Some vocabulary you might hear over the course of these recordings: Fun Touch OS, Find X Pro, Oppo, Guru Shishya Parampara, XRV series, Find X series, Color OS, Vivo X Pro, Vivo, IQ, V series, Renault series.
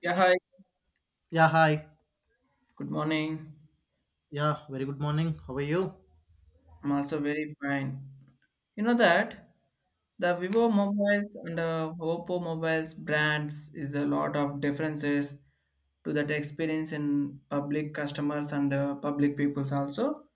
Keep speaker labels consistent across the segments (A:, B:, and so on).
A: Yeah, hi.
B: Yeah, hi.
A: Good morning.
B: Yeah, very good morning. How are you?
A: I'm also very fine. You know that? The Vivo mobiles and Oppo mobiles brands is a lot of differences to that experience in public customers and public peoples also.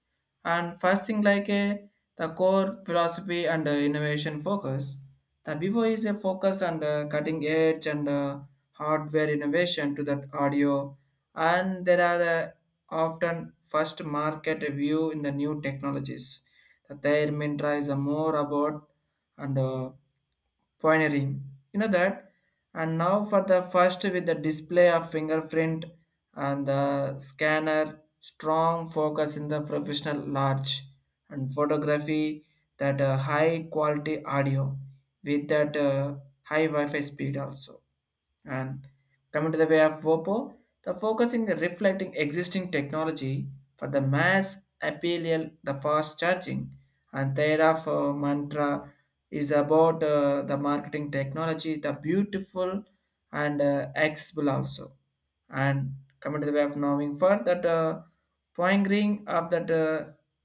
A: And first thing like a the core philosophy and innovation focus. The Vivo is a focus on the cutting edge and hardware innovation to that audio, and there are often first market review in the new technologies. The Their Mintra is a more about and pioneering. You know that? And now for the first with the display of fingerprint and the scanner, strong focus in the professional large and photography that high quality audio with that high Wi-Fi speed also and coming to the way of WOPO, the focusing and reflecting existing technology for the mass appeal, the fast charging, and thereafter mantra is about the marketing technology, the beautiful and accessible also. And coming to the way of knowing for that poingering of that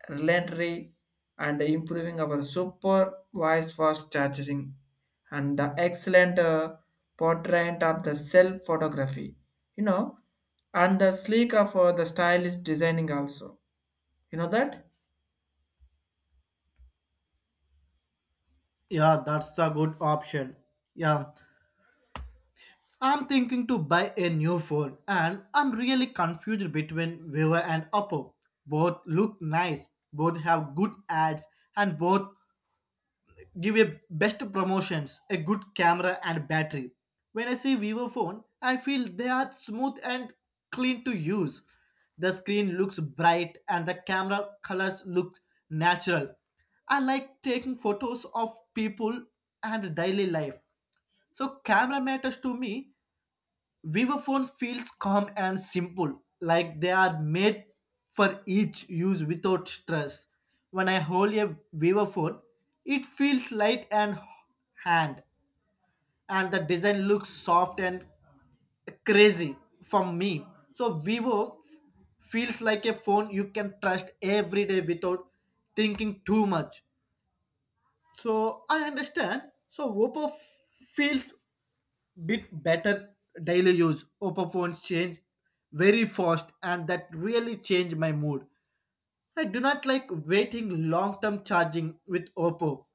A: relentlessly and improving our super wise fast charging and the excellent portrait of the self photography you know and the sleek of the stylish designing also you know that.
B: Yeah, that's a good option. Yeah, I'm thinking to buy a new phone and I'm really confused between Vivo and Oppo. Both look nice, both have good ads, and both give a best promotions a good camera and battery. When I see vivo phone I feel they are smooth and clean to use. The screen looks bright and the camera colors look natural. I like taking photos of people and daily life, so camera matters to me. Vivaphone feels calm and simple, like they are made for each use without stress. When I hold a Vivaphone, it feels light and hand, and the design looks soft and crazy from me. So Vivo feels like a phone you can trust every day without thinking too much. So I understand. So feels bit better daily use. Oppo phones change very fast and that really changed my mood. I do not like waiting long term charging with Oppo.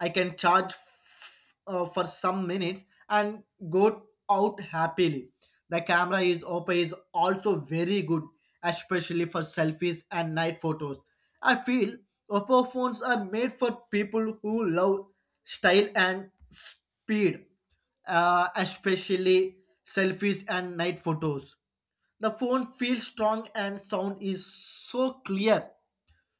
B: I can charge for some minutes and go out happily. The camera is Oppo is also very good, especially for selfies and night photos. I feel Oppo phones are made for people who love style and speed, especially selfies and night photos. The phone feels strong and sound is so clear.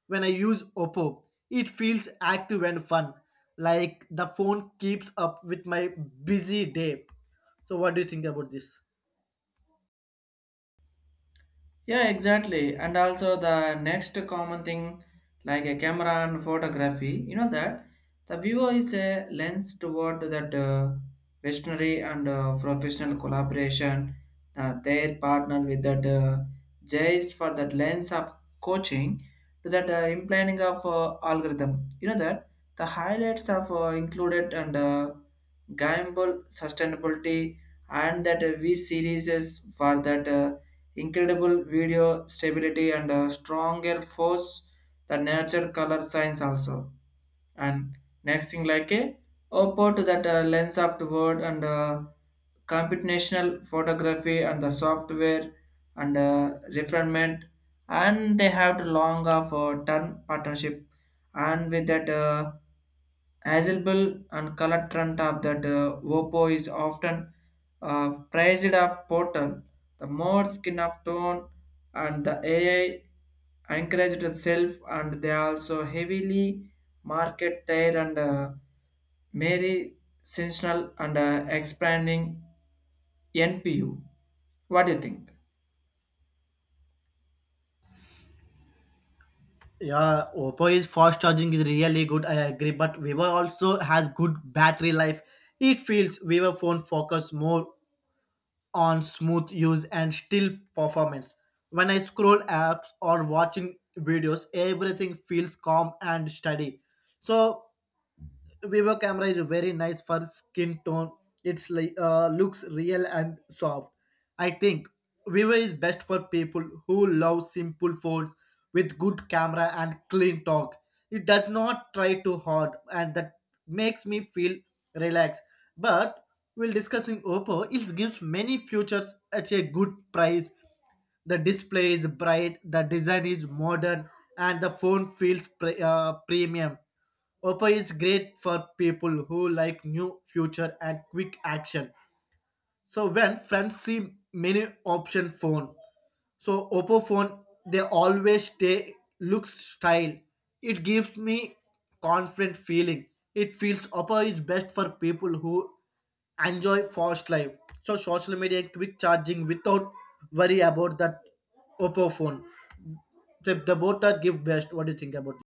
B: When I use Oppo, it feels active and fun, like the phone keeps up with my busy day. So, what do you think about this?
A: Yeah, exactly. And also the next common thing, like a camera and photography, you know that the viewer is a lens toward that visionary and professional collaboration. Their partner with that jays for that lens of coaching to that implanting of algorithm. You know that the highlights of included and gamble sustainability and that V series is for that. Incredible video stability and a stronger force the nature color science also and next thing like a oppo to that lens of the word and computational photography and the software and refinement and they have to long of a turn partnership and with that Hazelbill and color trend of that Oppo is often praised of portal, the more skin of tone, and the AI encouraged itself, and they also heavily market their and Mary sensational and expanding NPU. What do you think?
B: Yeah, Oppo is fast charging is really good. I agree, but Vivo also has good battery life. It feels Vivo phone focus more on smooth use and still performance. When I scroll apps or watching videos, everything feels calm and steady. So Vivo camera is very nice for skin tone. It's like looks real and soft. I think Vivo is best for people who love simple phones with good camera and clean talk. It does not try too hard, and that makes me feel relaxed. But we'll discussing Oppo. It gives many features at a good price. The display is bright, the design is modern, and the phone feels premium. Oppo is great for people who like new future and quick action. So when friends see many option phone, so Oppo phone, they always stay looks style. It gives me confident feeling. It feels Oppo is best for people who enjoy fast life. So social media and quick charging without worry about that Oppo phone. So if the both are give best, what do you think about it?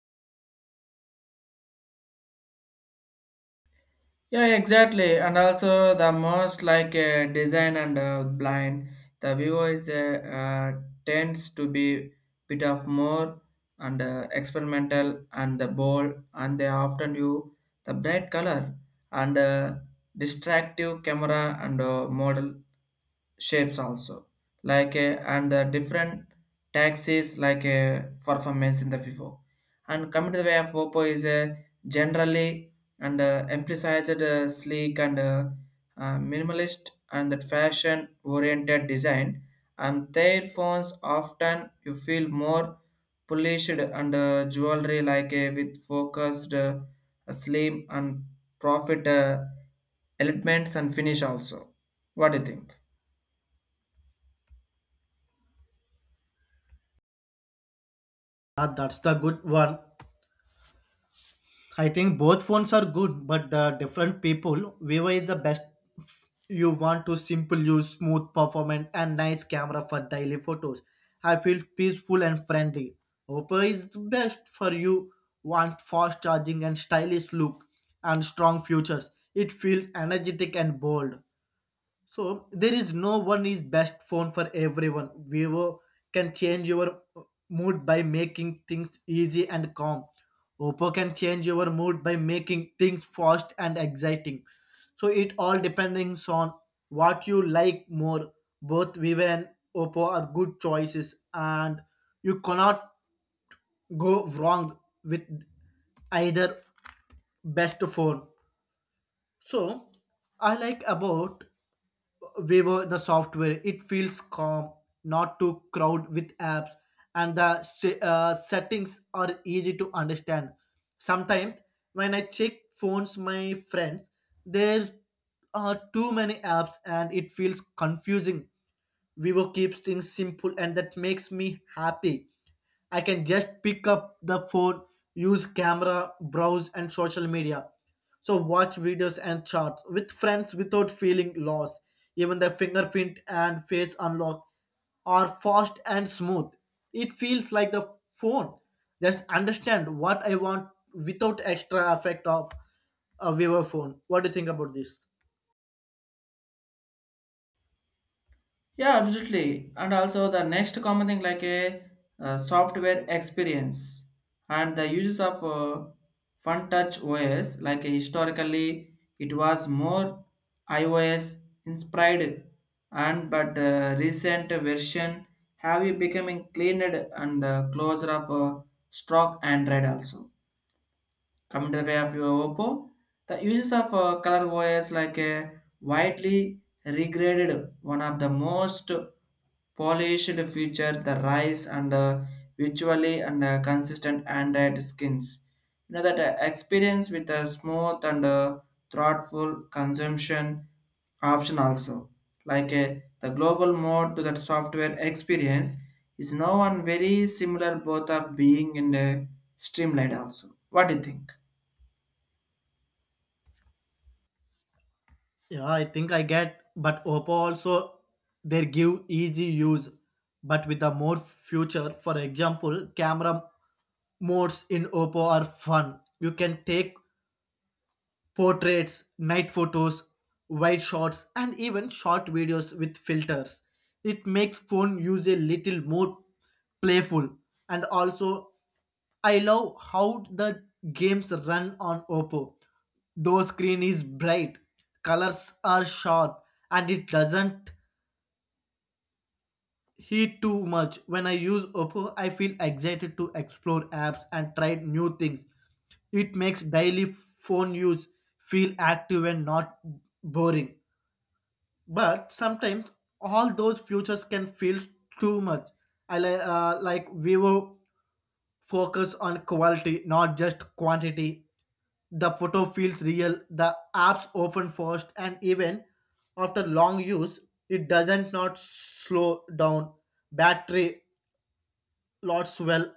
A: Yeah, exactly. And also the most like design and blind, the viewer is tends to be bit of more and experimental and the bold and they often use the bright color and distractive camera and model shapes also like and the different taxis like a performance in the vivo and coming to the way of oppo is a generally and emphasized sleek and minimalist and that fashion oriented design and their phones often you feel more polished and jewelry like a with focused slim and profit elements and finish also what do you think.
B: Ah, that's the good one. I think both phones are good, but the different people, Vivo is the best. You want to simple use, smooth performance, and nice camera for daily photos. I feel peaceful and friendly. Oppo is the best for you. Want fast charging and stylish look, and strong features. It feels energetic and bold. So there is no one is best phone for everyone. Vivo can change your mood by making things easy and calm. Oppo can change your mood by making things fast and exciting. So it all depends on what you like more. Both Vivo and Oppo are good choices and you cannot go wrong with either best phone. So I like about Vivo the software. It feels calm, not too crowd with apps, and the settings are easy to understand. Sometimes when I check phones, my friends, there are too many apps, and it feels confusing. Vivo keeps things simple and that makes me happy. I can just pick up the phone, use camera, browse and social media. So watch videos and charts with friends without feeling lost. Even the fingerprint and face unlock are fast and smooth. It feels like the phone. Just understand what I want without extra effect of a Vivo phone. What do you think about this?
A: Yeah, absolutely. And also the next common thing like a, software experience and the uses of Fun Touch OS like historically it was more iOS inspired and but recent version have you becoming cleaner and closer of stock Android also. Coming to the way of your Oppo, the uses of color OS like a widely regraded one of the most polished feature the rise and visually and consistent Android skins. You know that experience with a smooth and thoughtful consumption option also like a, the global mode to that software experience is now one very similar both of being in a streamlined also. What do you think?
B: Yeah, I think I get, but Oppo also they give easy use, but with a more future. For example, camera modes in Oppo are fun. You can take portraits, night photos, wide shots, and even short videos with filters. It makes phone use a little more playful. And also, I love how the games run on Oppo. Though screen is bright, colors are sharp, and it doesn't heat too much. When I use Oppo, I feel excited to explore apps and try new things. It makes daily phone use feel active and not boring. But sometimes all those futures can feel too much. I like Vivo focus on quality, not just quantity. The photo feels real, the apps open first, and even after long use, it doesn't not slow down. Battery lots well.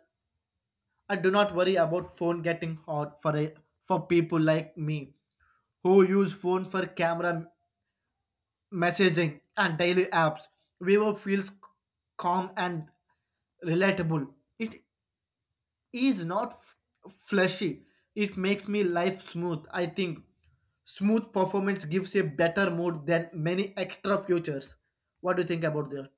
B: I do not worry about phone getting hot for a for people like me who use phone for camera messaging and daily apps. Vivo feels calm and relatable. It is not flashy. It makes me life smooth. I think smooth performance gives a better mood than many extra features. What do you think about that?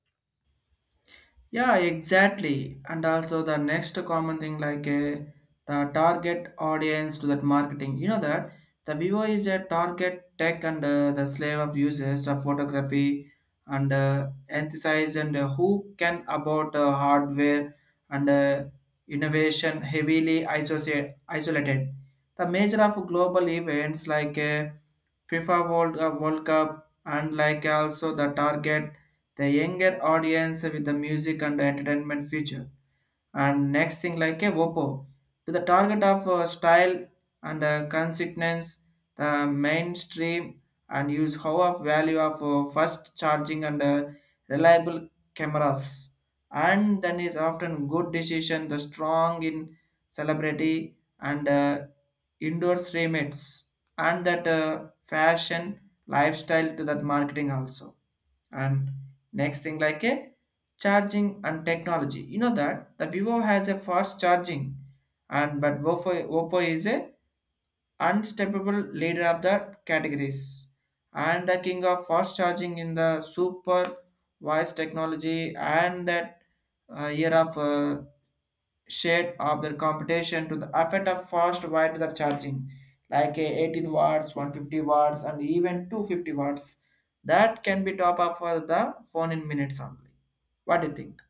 A: Yeah, exactly. And also the next common thing like the target audience to that marketing. You know that the viewer is a target tech and the slave of users of photography and emphasize and who can about hardware and innovation heavily isociate, isolated. The major of global events like FIFA World, World Cup and like also the target the younger audience with the music and entertainment future. And next thing like a Oppo to the target of style and consistence, the mainstream and use how of value of fast charging and reliable cameras. And then is often good decision, the strong in celebrity and indoor streamers and that fashion lifestyle to that marketing also and next thing like a charging and technology you know that the vivo has a fast charging and but oppo is a unstoppable leader of the categories and the king of fast charging in the super voice technology and that year of shade of their competition to the effect of fast wide the charging, like a 18 watts, 150 watts, and even 250 watts. That can be top up for the phone in minutes only. What do you think?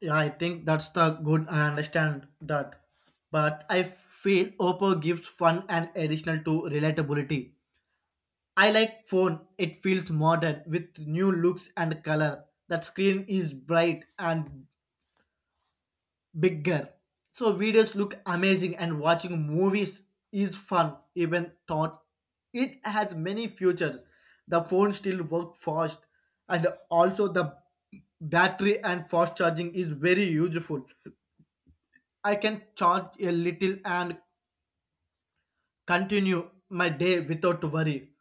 B: Yeah, I think that's the good. I understand that, but I feel Oppo gives fun and additional to relatability. I like phone. It feels modern with new looks and color. That screen is bright and bigger. So videos look amazing and watching movies is fun even thought it has many futures. The phone still work fast and also the battery and fast charging is very useful. I can charge a little and continue my day without worry.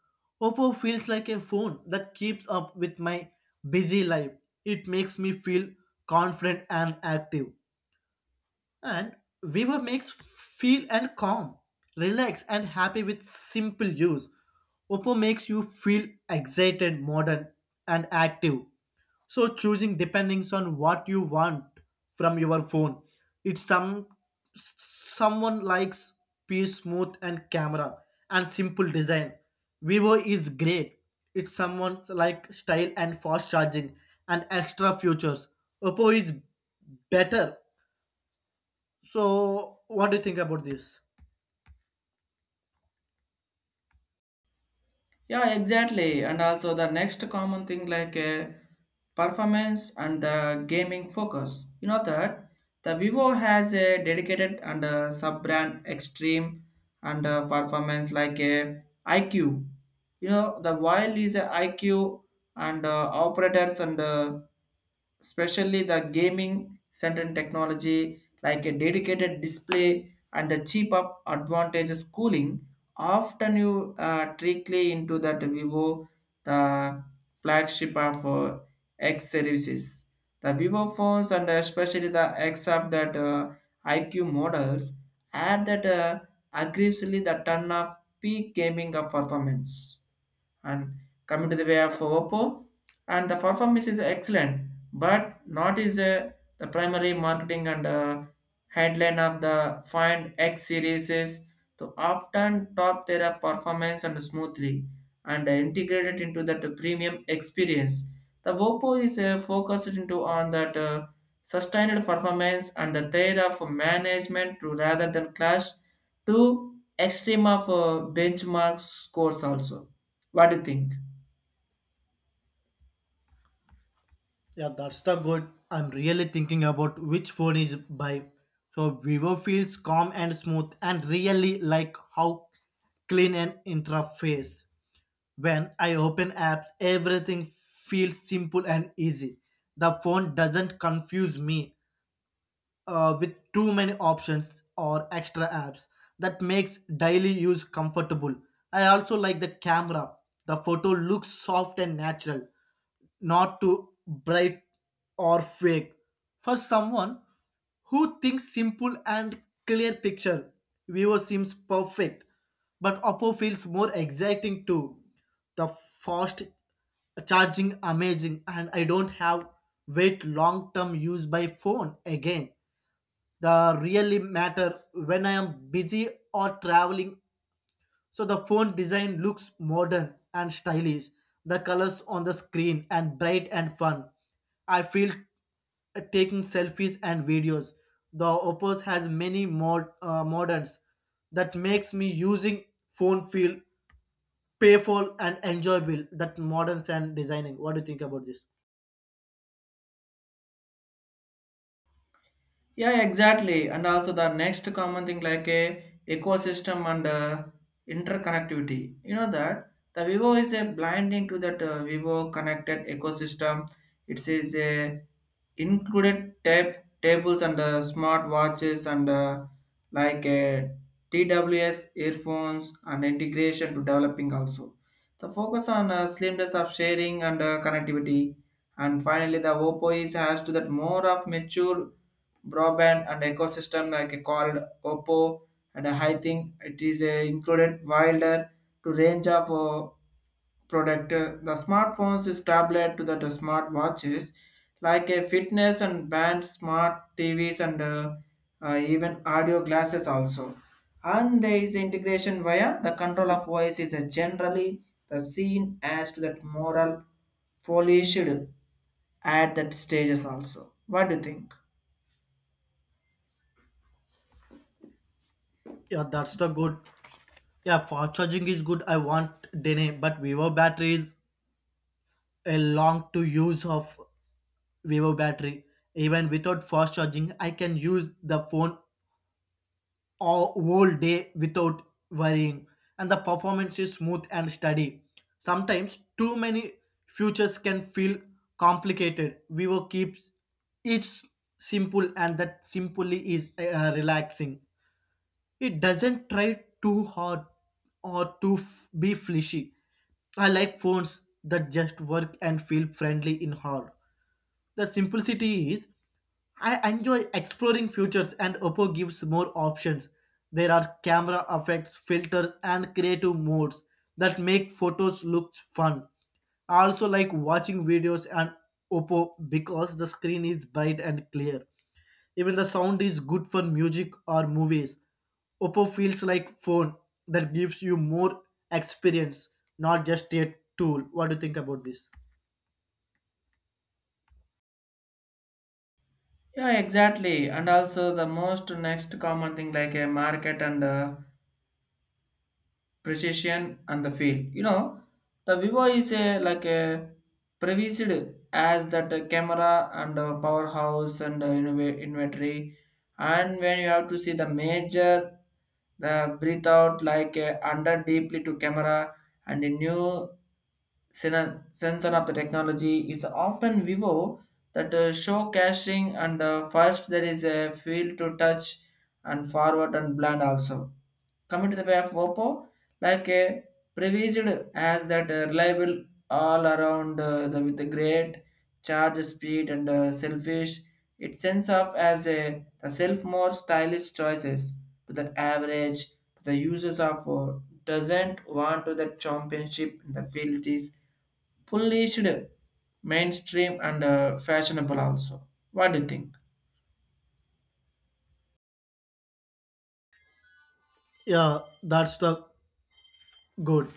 B: Oppo feels like a phone that keeps up with my busy life. It makes me feel confident and active, and river makes feel and calm, relaxed and happy with simple use. Oppo makes you feel excited, modern and active. So choosing depending on what you want from your phone. It's some s- someone likes peace smooth and camera and simple design, Vivo is great. It's someone like style and fast charging and extra features, Oppo is better. So, what do you think about this?
A: Yeah, exactly. And also the next common thing like performance and the gaming focus. You know that the Vivo has a dedicated and a sub-brand Extreme and performance like a IQ. You know the while is a IQ and operators and especially the gaming centered technology like a dedicated display and the cheap of advantages cooling. Often you trickly into that Vivo, the flagship of X services. The Vivo phones and especially the X of that IQ models add that aggressively the ton of peak gaming of performance and coming to the way of Oppo and the performance is excellent but not is the primary marketing and headline of the find X series is to often top their performance and smoothly and integrated into that premium experience. The Oppo is focused into on that sustained performance and the theory of management to rather than clash to extreme of benchmark scores also what do you think?
B: Yeah, that's the good. I'm really thinking about which phone is by. So, Vivo feels calm and smooth, and really like how clean an interface. When I open apps, everything feels simple and easy. The phone doesn't confuse me with too many options or extra apps that makes daily use comfortable. I also like the camera. The photo looks soft and natural, not too bright or fake. For someone who thinks simple and clear picture, Vivo seems perfect, but Oppo feels more exciting too. The fast charging amazing and I don't have wait long term use by phone again. The really matter when I am busy or traveling. So the phone design looks modern and stylish. The colors on the screen and bright and fun. I feel taking selfies and videos, the oppos has many moderns that makes me using phone feel payful and enjoyable, that moderns and designing. What do you think about this?
A: Yeah, exactly. And also the next common thing like a ecosystem and interconnectivity. You know that the Vivo is a blinding to that Vivo connected ecosystem. It is a included tables and smart watches and like TWS earphones and integration to developing also. The focus on slimness of sharing and connectivity. And finally, the Oppo is has to that more of mature broadband and ecosystem like called Oppo and I think it is a included wider to range of product. The smartphones is tablet to the smart watches like a fitness and band smart TVs and even audio glasses also. And there is integration via the control of voice is generally the seen as to that moral polished at that stages also. What do you think?
B: Yeah, that's the good. Yeah, fast charging is good. I want dene, but vivo batteries a long to use of vivo battery. Even without fast charging I can use the phone all whole day without worrying. And the performance is smooth and steady. Sometimes too many futures can feel complicated. Vivo keeps each simple and that simply is relaxing. It doesn't try too hard or to be flashy. I like phones that just work and feel friendly in hand. The simplicity is I enjoy exploring futures and Oppo gives more options. There are camera effects, filters, and creative modes that make photos look fun. I also like watching videos on Oppo because the screen is bright and clear. Even the sound is good for music or movies. Oppo feels like phone that gives you more experience, not just a tool. What do you think about this?
A: Yeah, exactly. And also the most next common thing like a market and precision and the field. You know, the Vivo is a like a prevised as that camera and powerhouse and inventory. And when you have to see the major, the breathe out like under deeply to camera and a new sensor of the technology is often vivo that show caching and first there is a field to touch and forward and blind also. Coming to the way of Oppo, like a prevised as that reliable all around with the great charge speed and selfish. It sends off as a the self more stylish choices to that average to the users of doesn't want to the championship in the field is polished mainstream and fashionable also what do you think.
B: Yeah, that's the good.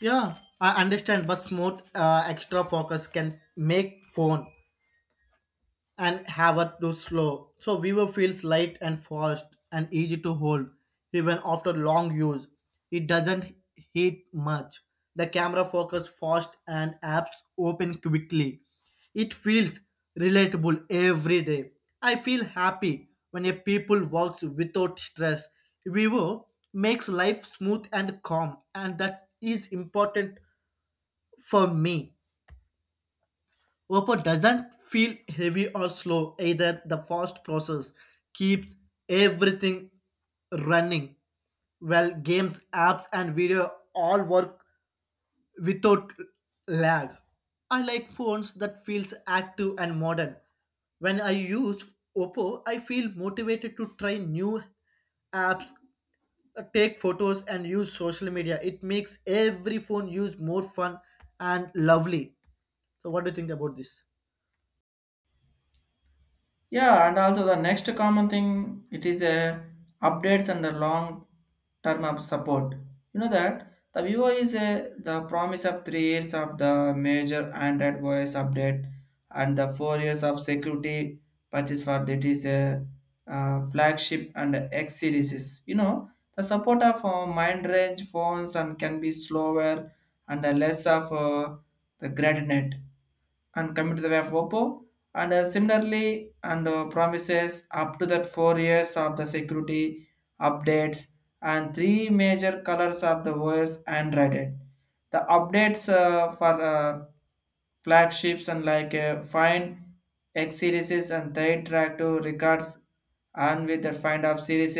B: Yeah, I understand, but smooth extra focus can make phone and Havard to slow. So Vivo feels light and fast and easy to hold even after long use. It doesn't heat much. The camera focus fast and apps open quickly. It feels relatable every day. I feel happy when a people works without stress. Vivo makes life smooth and calm and that is important for me. Oppo doesn't feel heavy or slow either. The fast process keeps everything running. Well, games, apps, and video all work without lag. I like phones that feels active and modern. When I use Oppo, I feel motivated to try new apps, take photos, and use social media. It makes every phone use more fun and lovely. So, what do you think about this?
A: Yeah, and also the next, common thing it is a updates and a long term of support. You know that the viewer is a the promise of 3 years of the major Android OS update and the 4 years of security purchase for it is a flagship and X series. You know the support of mind range phones and can be slower and less of the gradient and commit to the way of Oppo. And similarly, and promises up to that 4 years of the security updates and three major colors of the OS Android. The updates for flagships and like Find X series and third track to records and with the Find Up series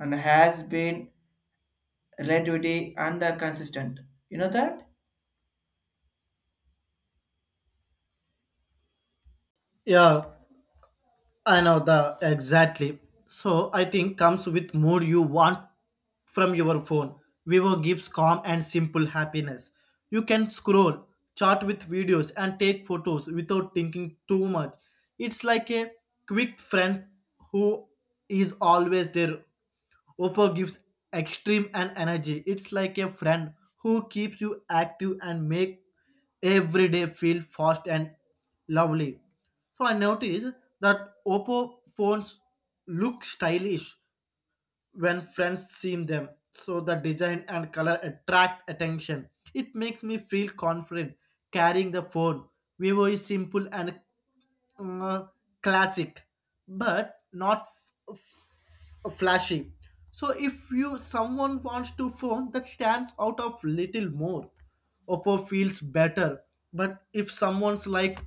A: and has been relativity and the consistent. You know that?
B: Yeah, I know the exactly. So I think comes with more you want from your phone. Vivo gives calm and simple happiness. You can scroll, chat with videos, and take photos without thinking too much. It's like a quick friend who is always there. Oppo gives extreme and energy. It's like a friend who keeps you active and make every day feel fast and lovely. So I noticed that Oppo phones look stylish when friends see them. So the design and color attract attention. It makes me feel confident carrying the phone. Vivo is simple and uh, classic, but not flashy. So if you someone wants to phone that stands out of little more, Oppo feels better. But if someone's like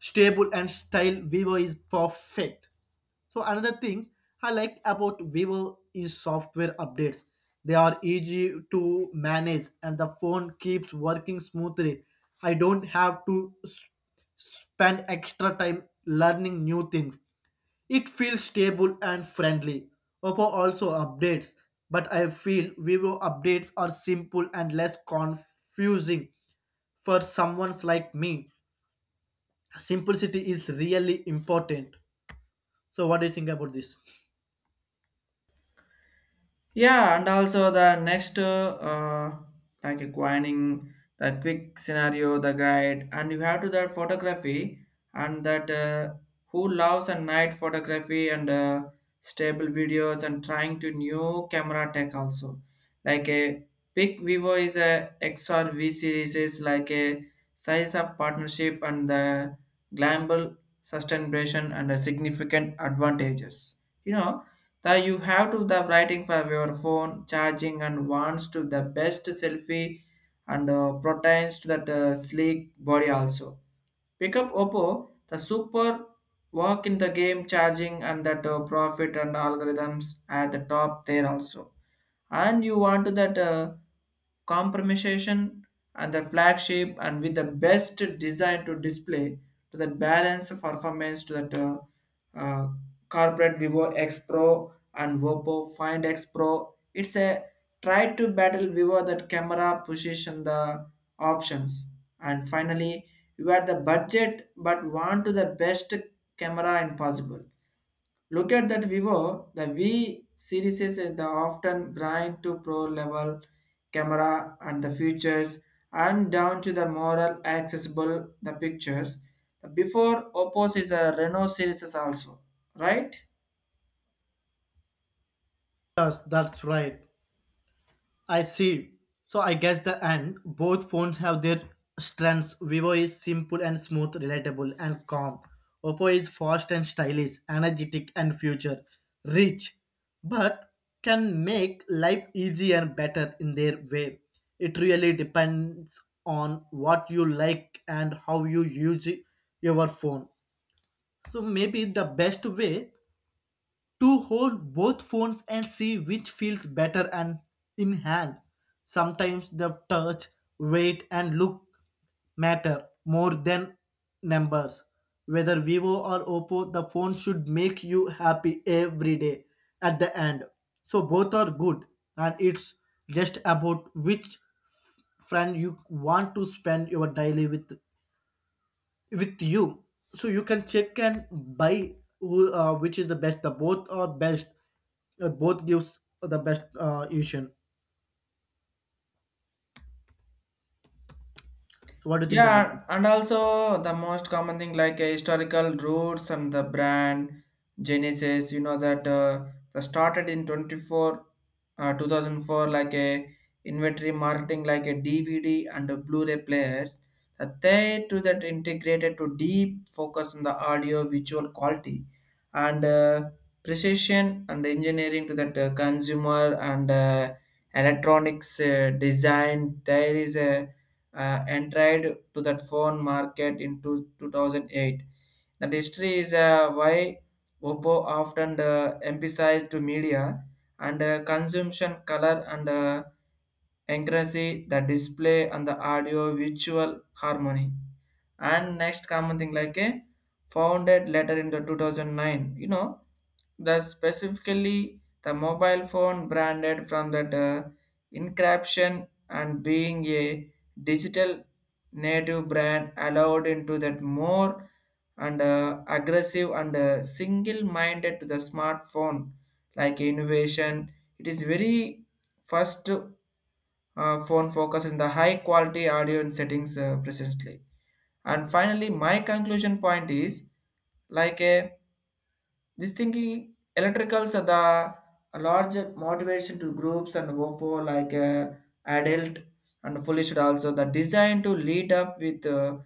B: stable and style, Vivo is perfect. So another thing I like about Vivo is software updates. They are easy to manage and the phone keeps working smoothly. I don't have to spend extra time learning new things. It feels stable and friendly. Oppo also updates, but I feel Vivo updates are simple and less confusing for someone like me. Simplicity is really important. So, what do you think about this?
A: Yeah, and also the next, like acquiring the quick scenario, the guide, and you have to that photography and that who loves a night photography and stable videos and trying to new camera tech also. Like a big Vivo is a XRV series is like a size of partnership and the global sustainability and the significant advantages. You know that you have to the writing for your phone charging and wants to the best selfie and proteins to that sleek body also pick up oppo the super work in the game charging and that profit and algorithms at the top there also and you want to that compromisation and the flagship and with the best design to display to the balance of performance to that uh, corporate vivo x pro and oppo find x pro it's a try to battle vivo that camera position the options and finally you had the budget but want to the best camera and possible. Look at that Vivo, the V series is the often bright to pro level camera and the features and down to the more accessible the pictures. The before Oppo's is a Renault series is also, right?
B: Yes, that's right. I see. So I guess the end. Both phones have their strengths. Vivo is simple and smooth, relatable and calm. Oppo is fast and stylish, energetic and future rich, but can make life easier and better in their way. It really depends on what you like and how you use your phone. So maybe the best way to hold both phones and see which feels better and in hand. Sometimes the touch, weight, and look matter more than numbers. Whether Vivo or Oppo, the phone should make you happy every day at the end. So both are good, and it's just about which friend you want to spend your daily with you. So you can check and buy who which is the best, the both are best. Both gives the best illusion. So what do you think about it?
A: Yeah, and also the most common thing like historical roots and the brand Genesis, you know that the started in 24 uh, 2004 like a inventory marketing like a DVD and a Blu-ray players that they to that integrated to deep focus on the audio visual quality and precision and engineering to that consumer and electronics design there is a entered to that phone market in 2008. That history is why Oppo often emphasized to media and consumption color and accuracy, the display and the audio visual harmony. And next common thing like a founded later in the 2009, you know, the specifically the mobile phone branded from that encryption and being a digital native brand allowed into that more and aggressive and single-minded to the smartphone like innovation it is very first phone focus in the high quality audio and settings presently and finally my conclusion point is like a this thinking electricals are the large motivation to groups and for like adult and foolish also the design to lead up with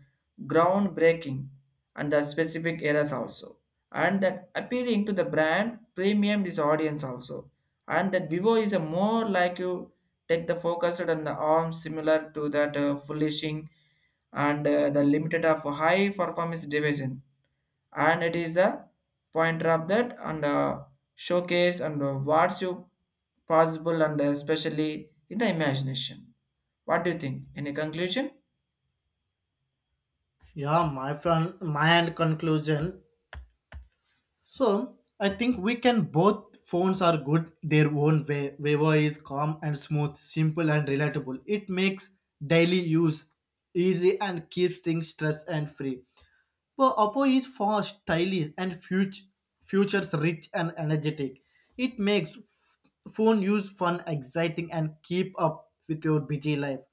A: groundbreaking and the specific eras also and that appealing to the brand premium is audience also and that vivo is a more like you take the focused on the arm similar to that foolishing and the limited of high performance division and it is a pointer of that and showcase and what's you possible and especially in the imagination what do you think any conclusion
B: Yeah, my friend, my end conclusion. So I think we can both phones are good their own way. Vivo is calm and smooth, simple and relatable. It makes daily use easy and keeps things stress and free. Well, Oppo is fast, stylish, and futures rich and energetic. It makes phone use fun, exciting, and keep up with your busy life.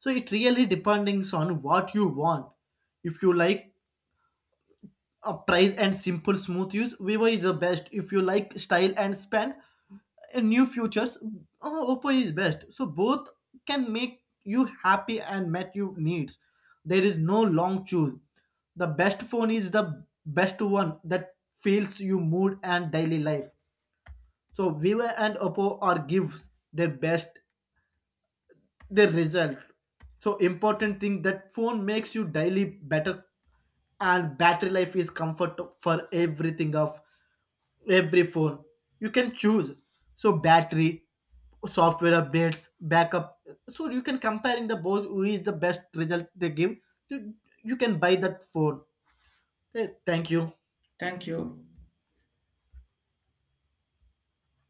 B: So it really depends on what you want. If you like a price and simple smooth use, vivo is the best. If you like style and span and new features, oh, Oppo is best. So both can make you happy and met your needs. There is no long choose. The best phone is the best one that feels your mood and daily life. So Vivo and Oppo are give their best, their result. So important thing that phone makes you daily better, and battery life is comfort for everything of every phone. You can choose. So battery, software updates, backup. So you can comparing the both who is the best result they give. You you can buy that phone. Eh, thank you.
A: thank you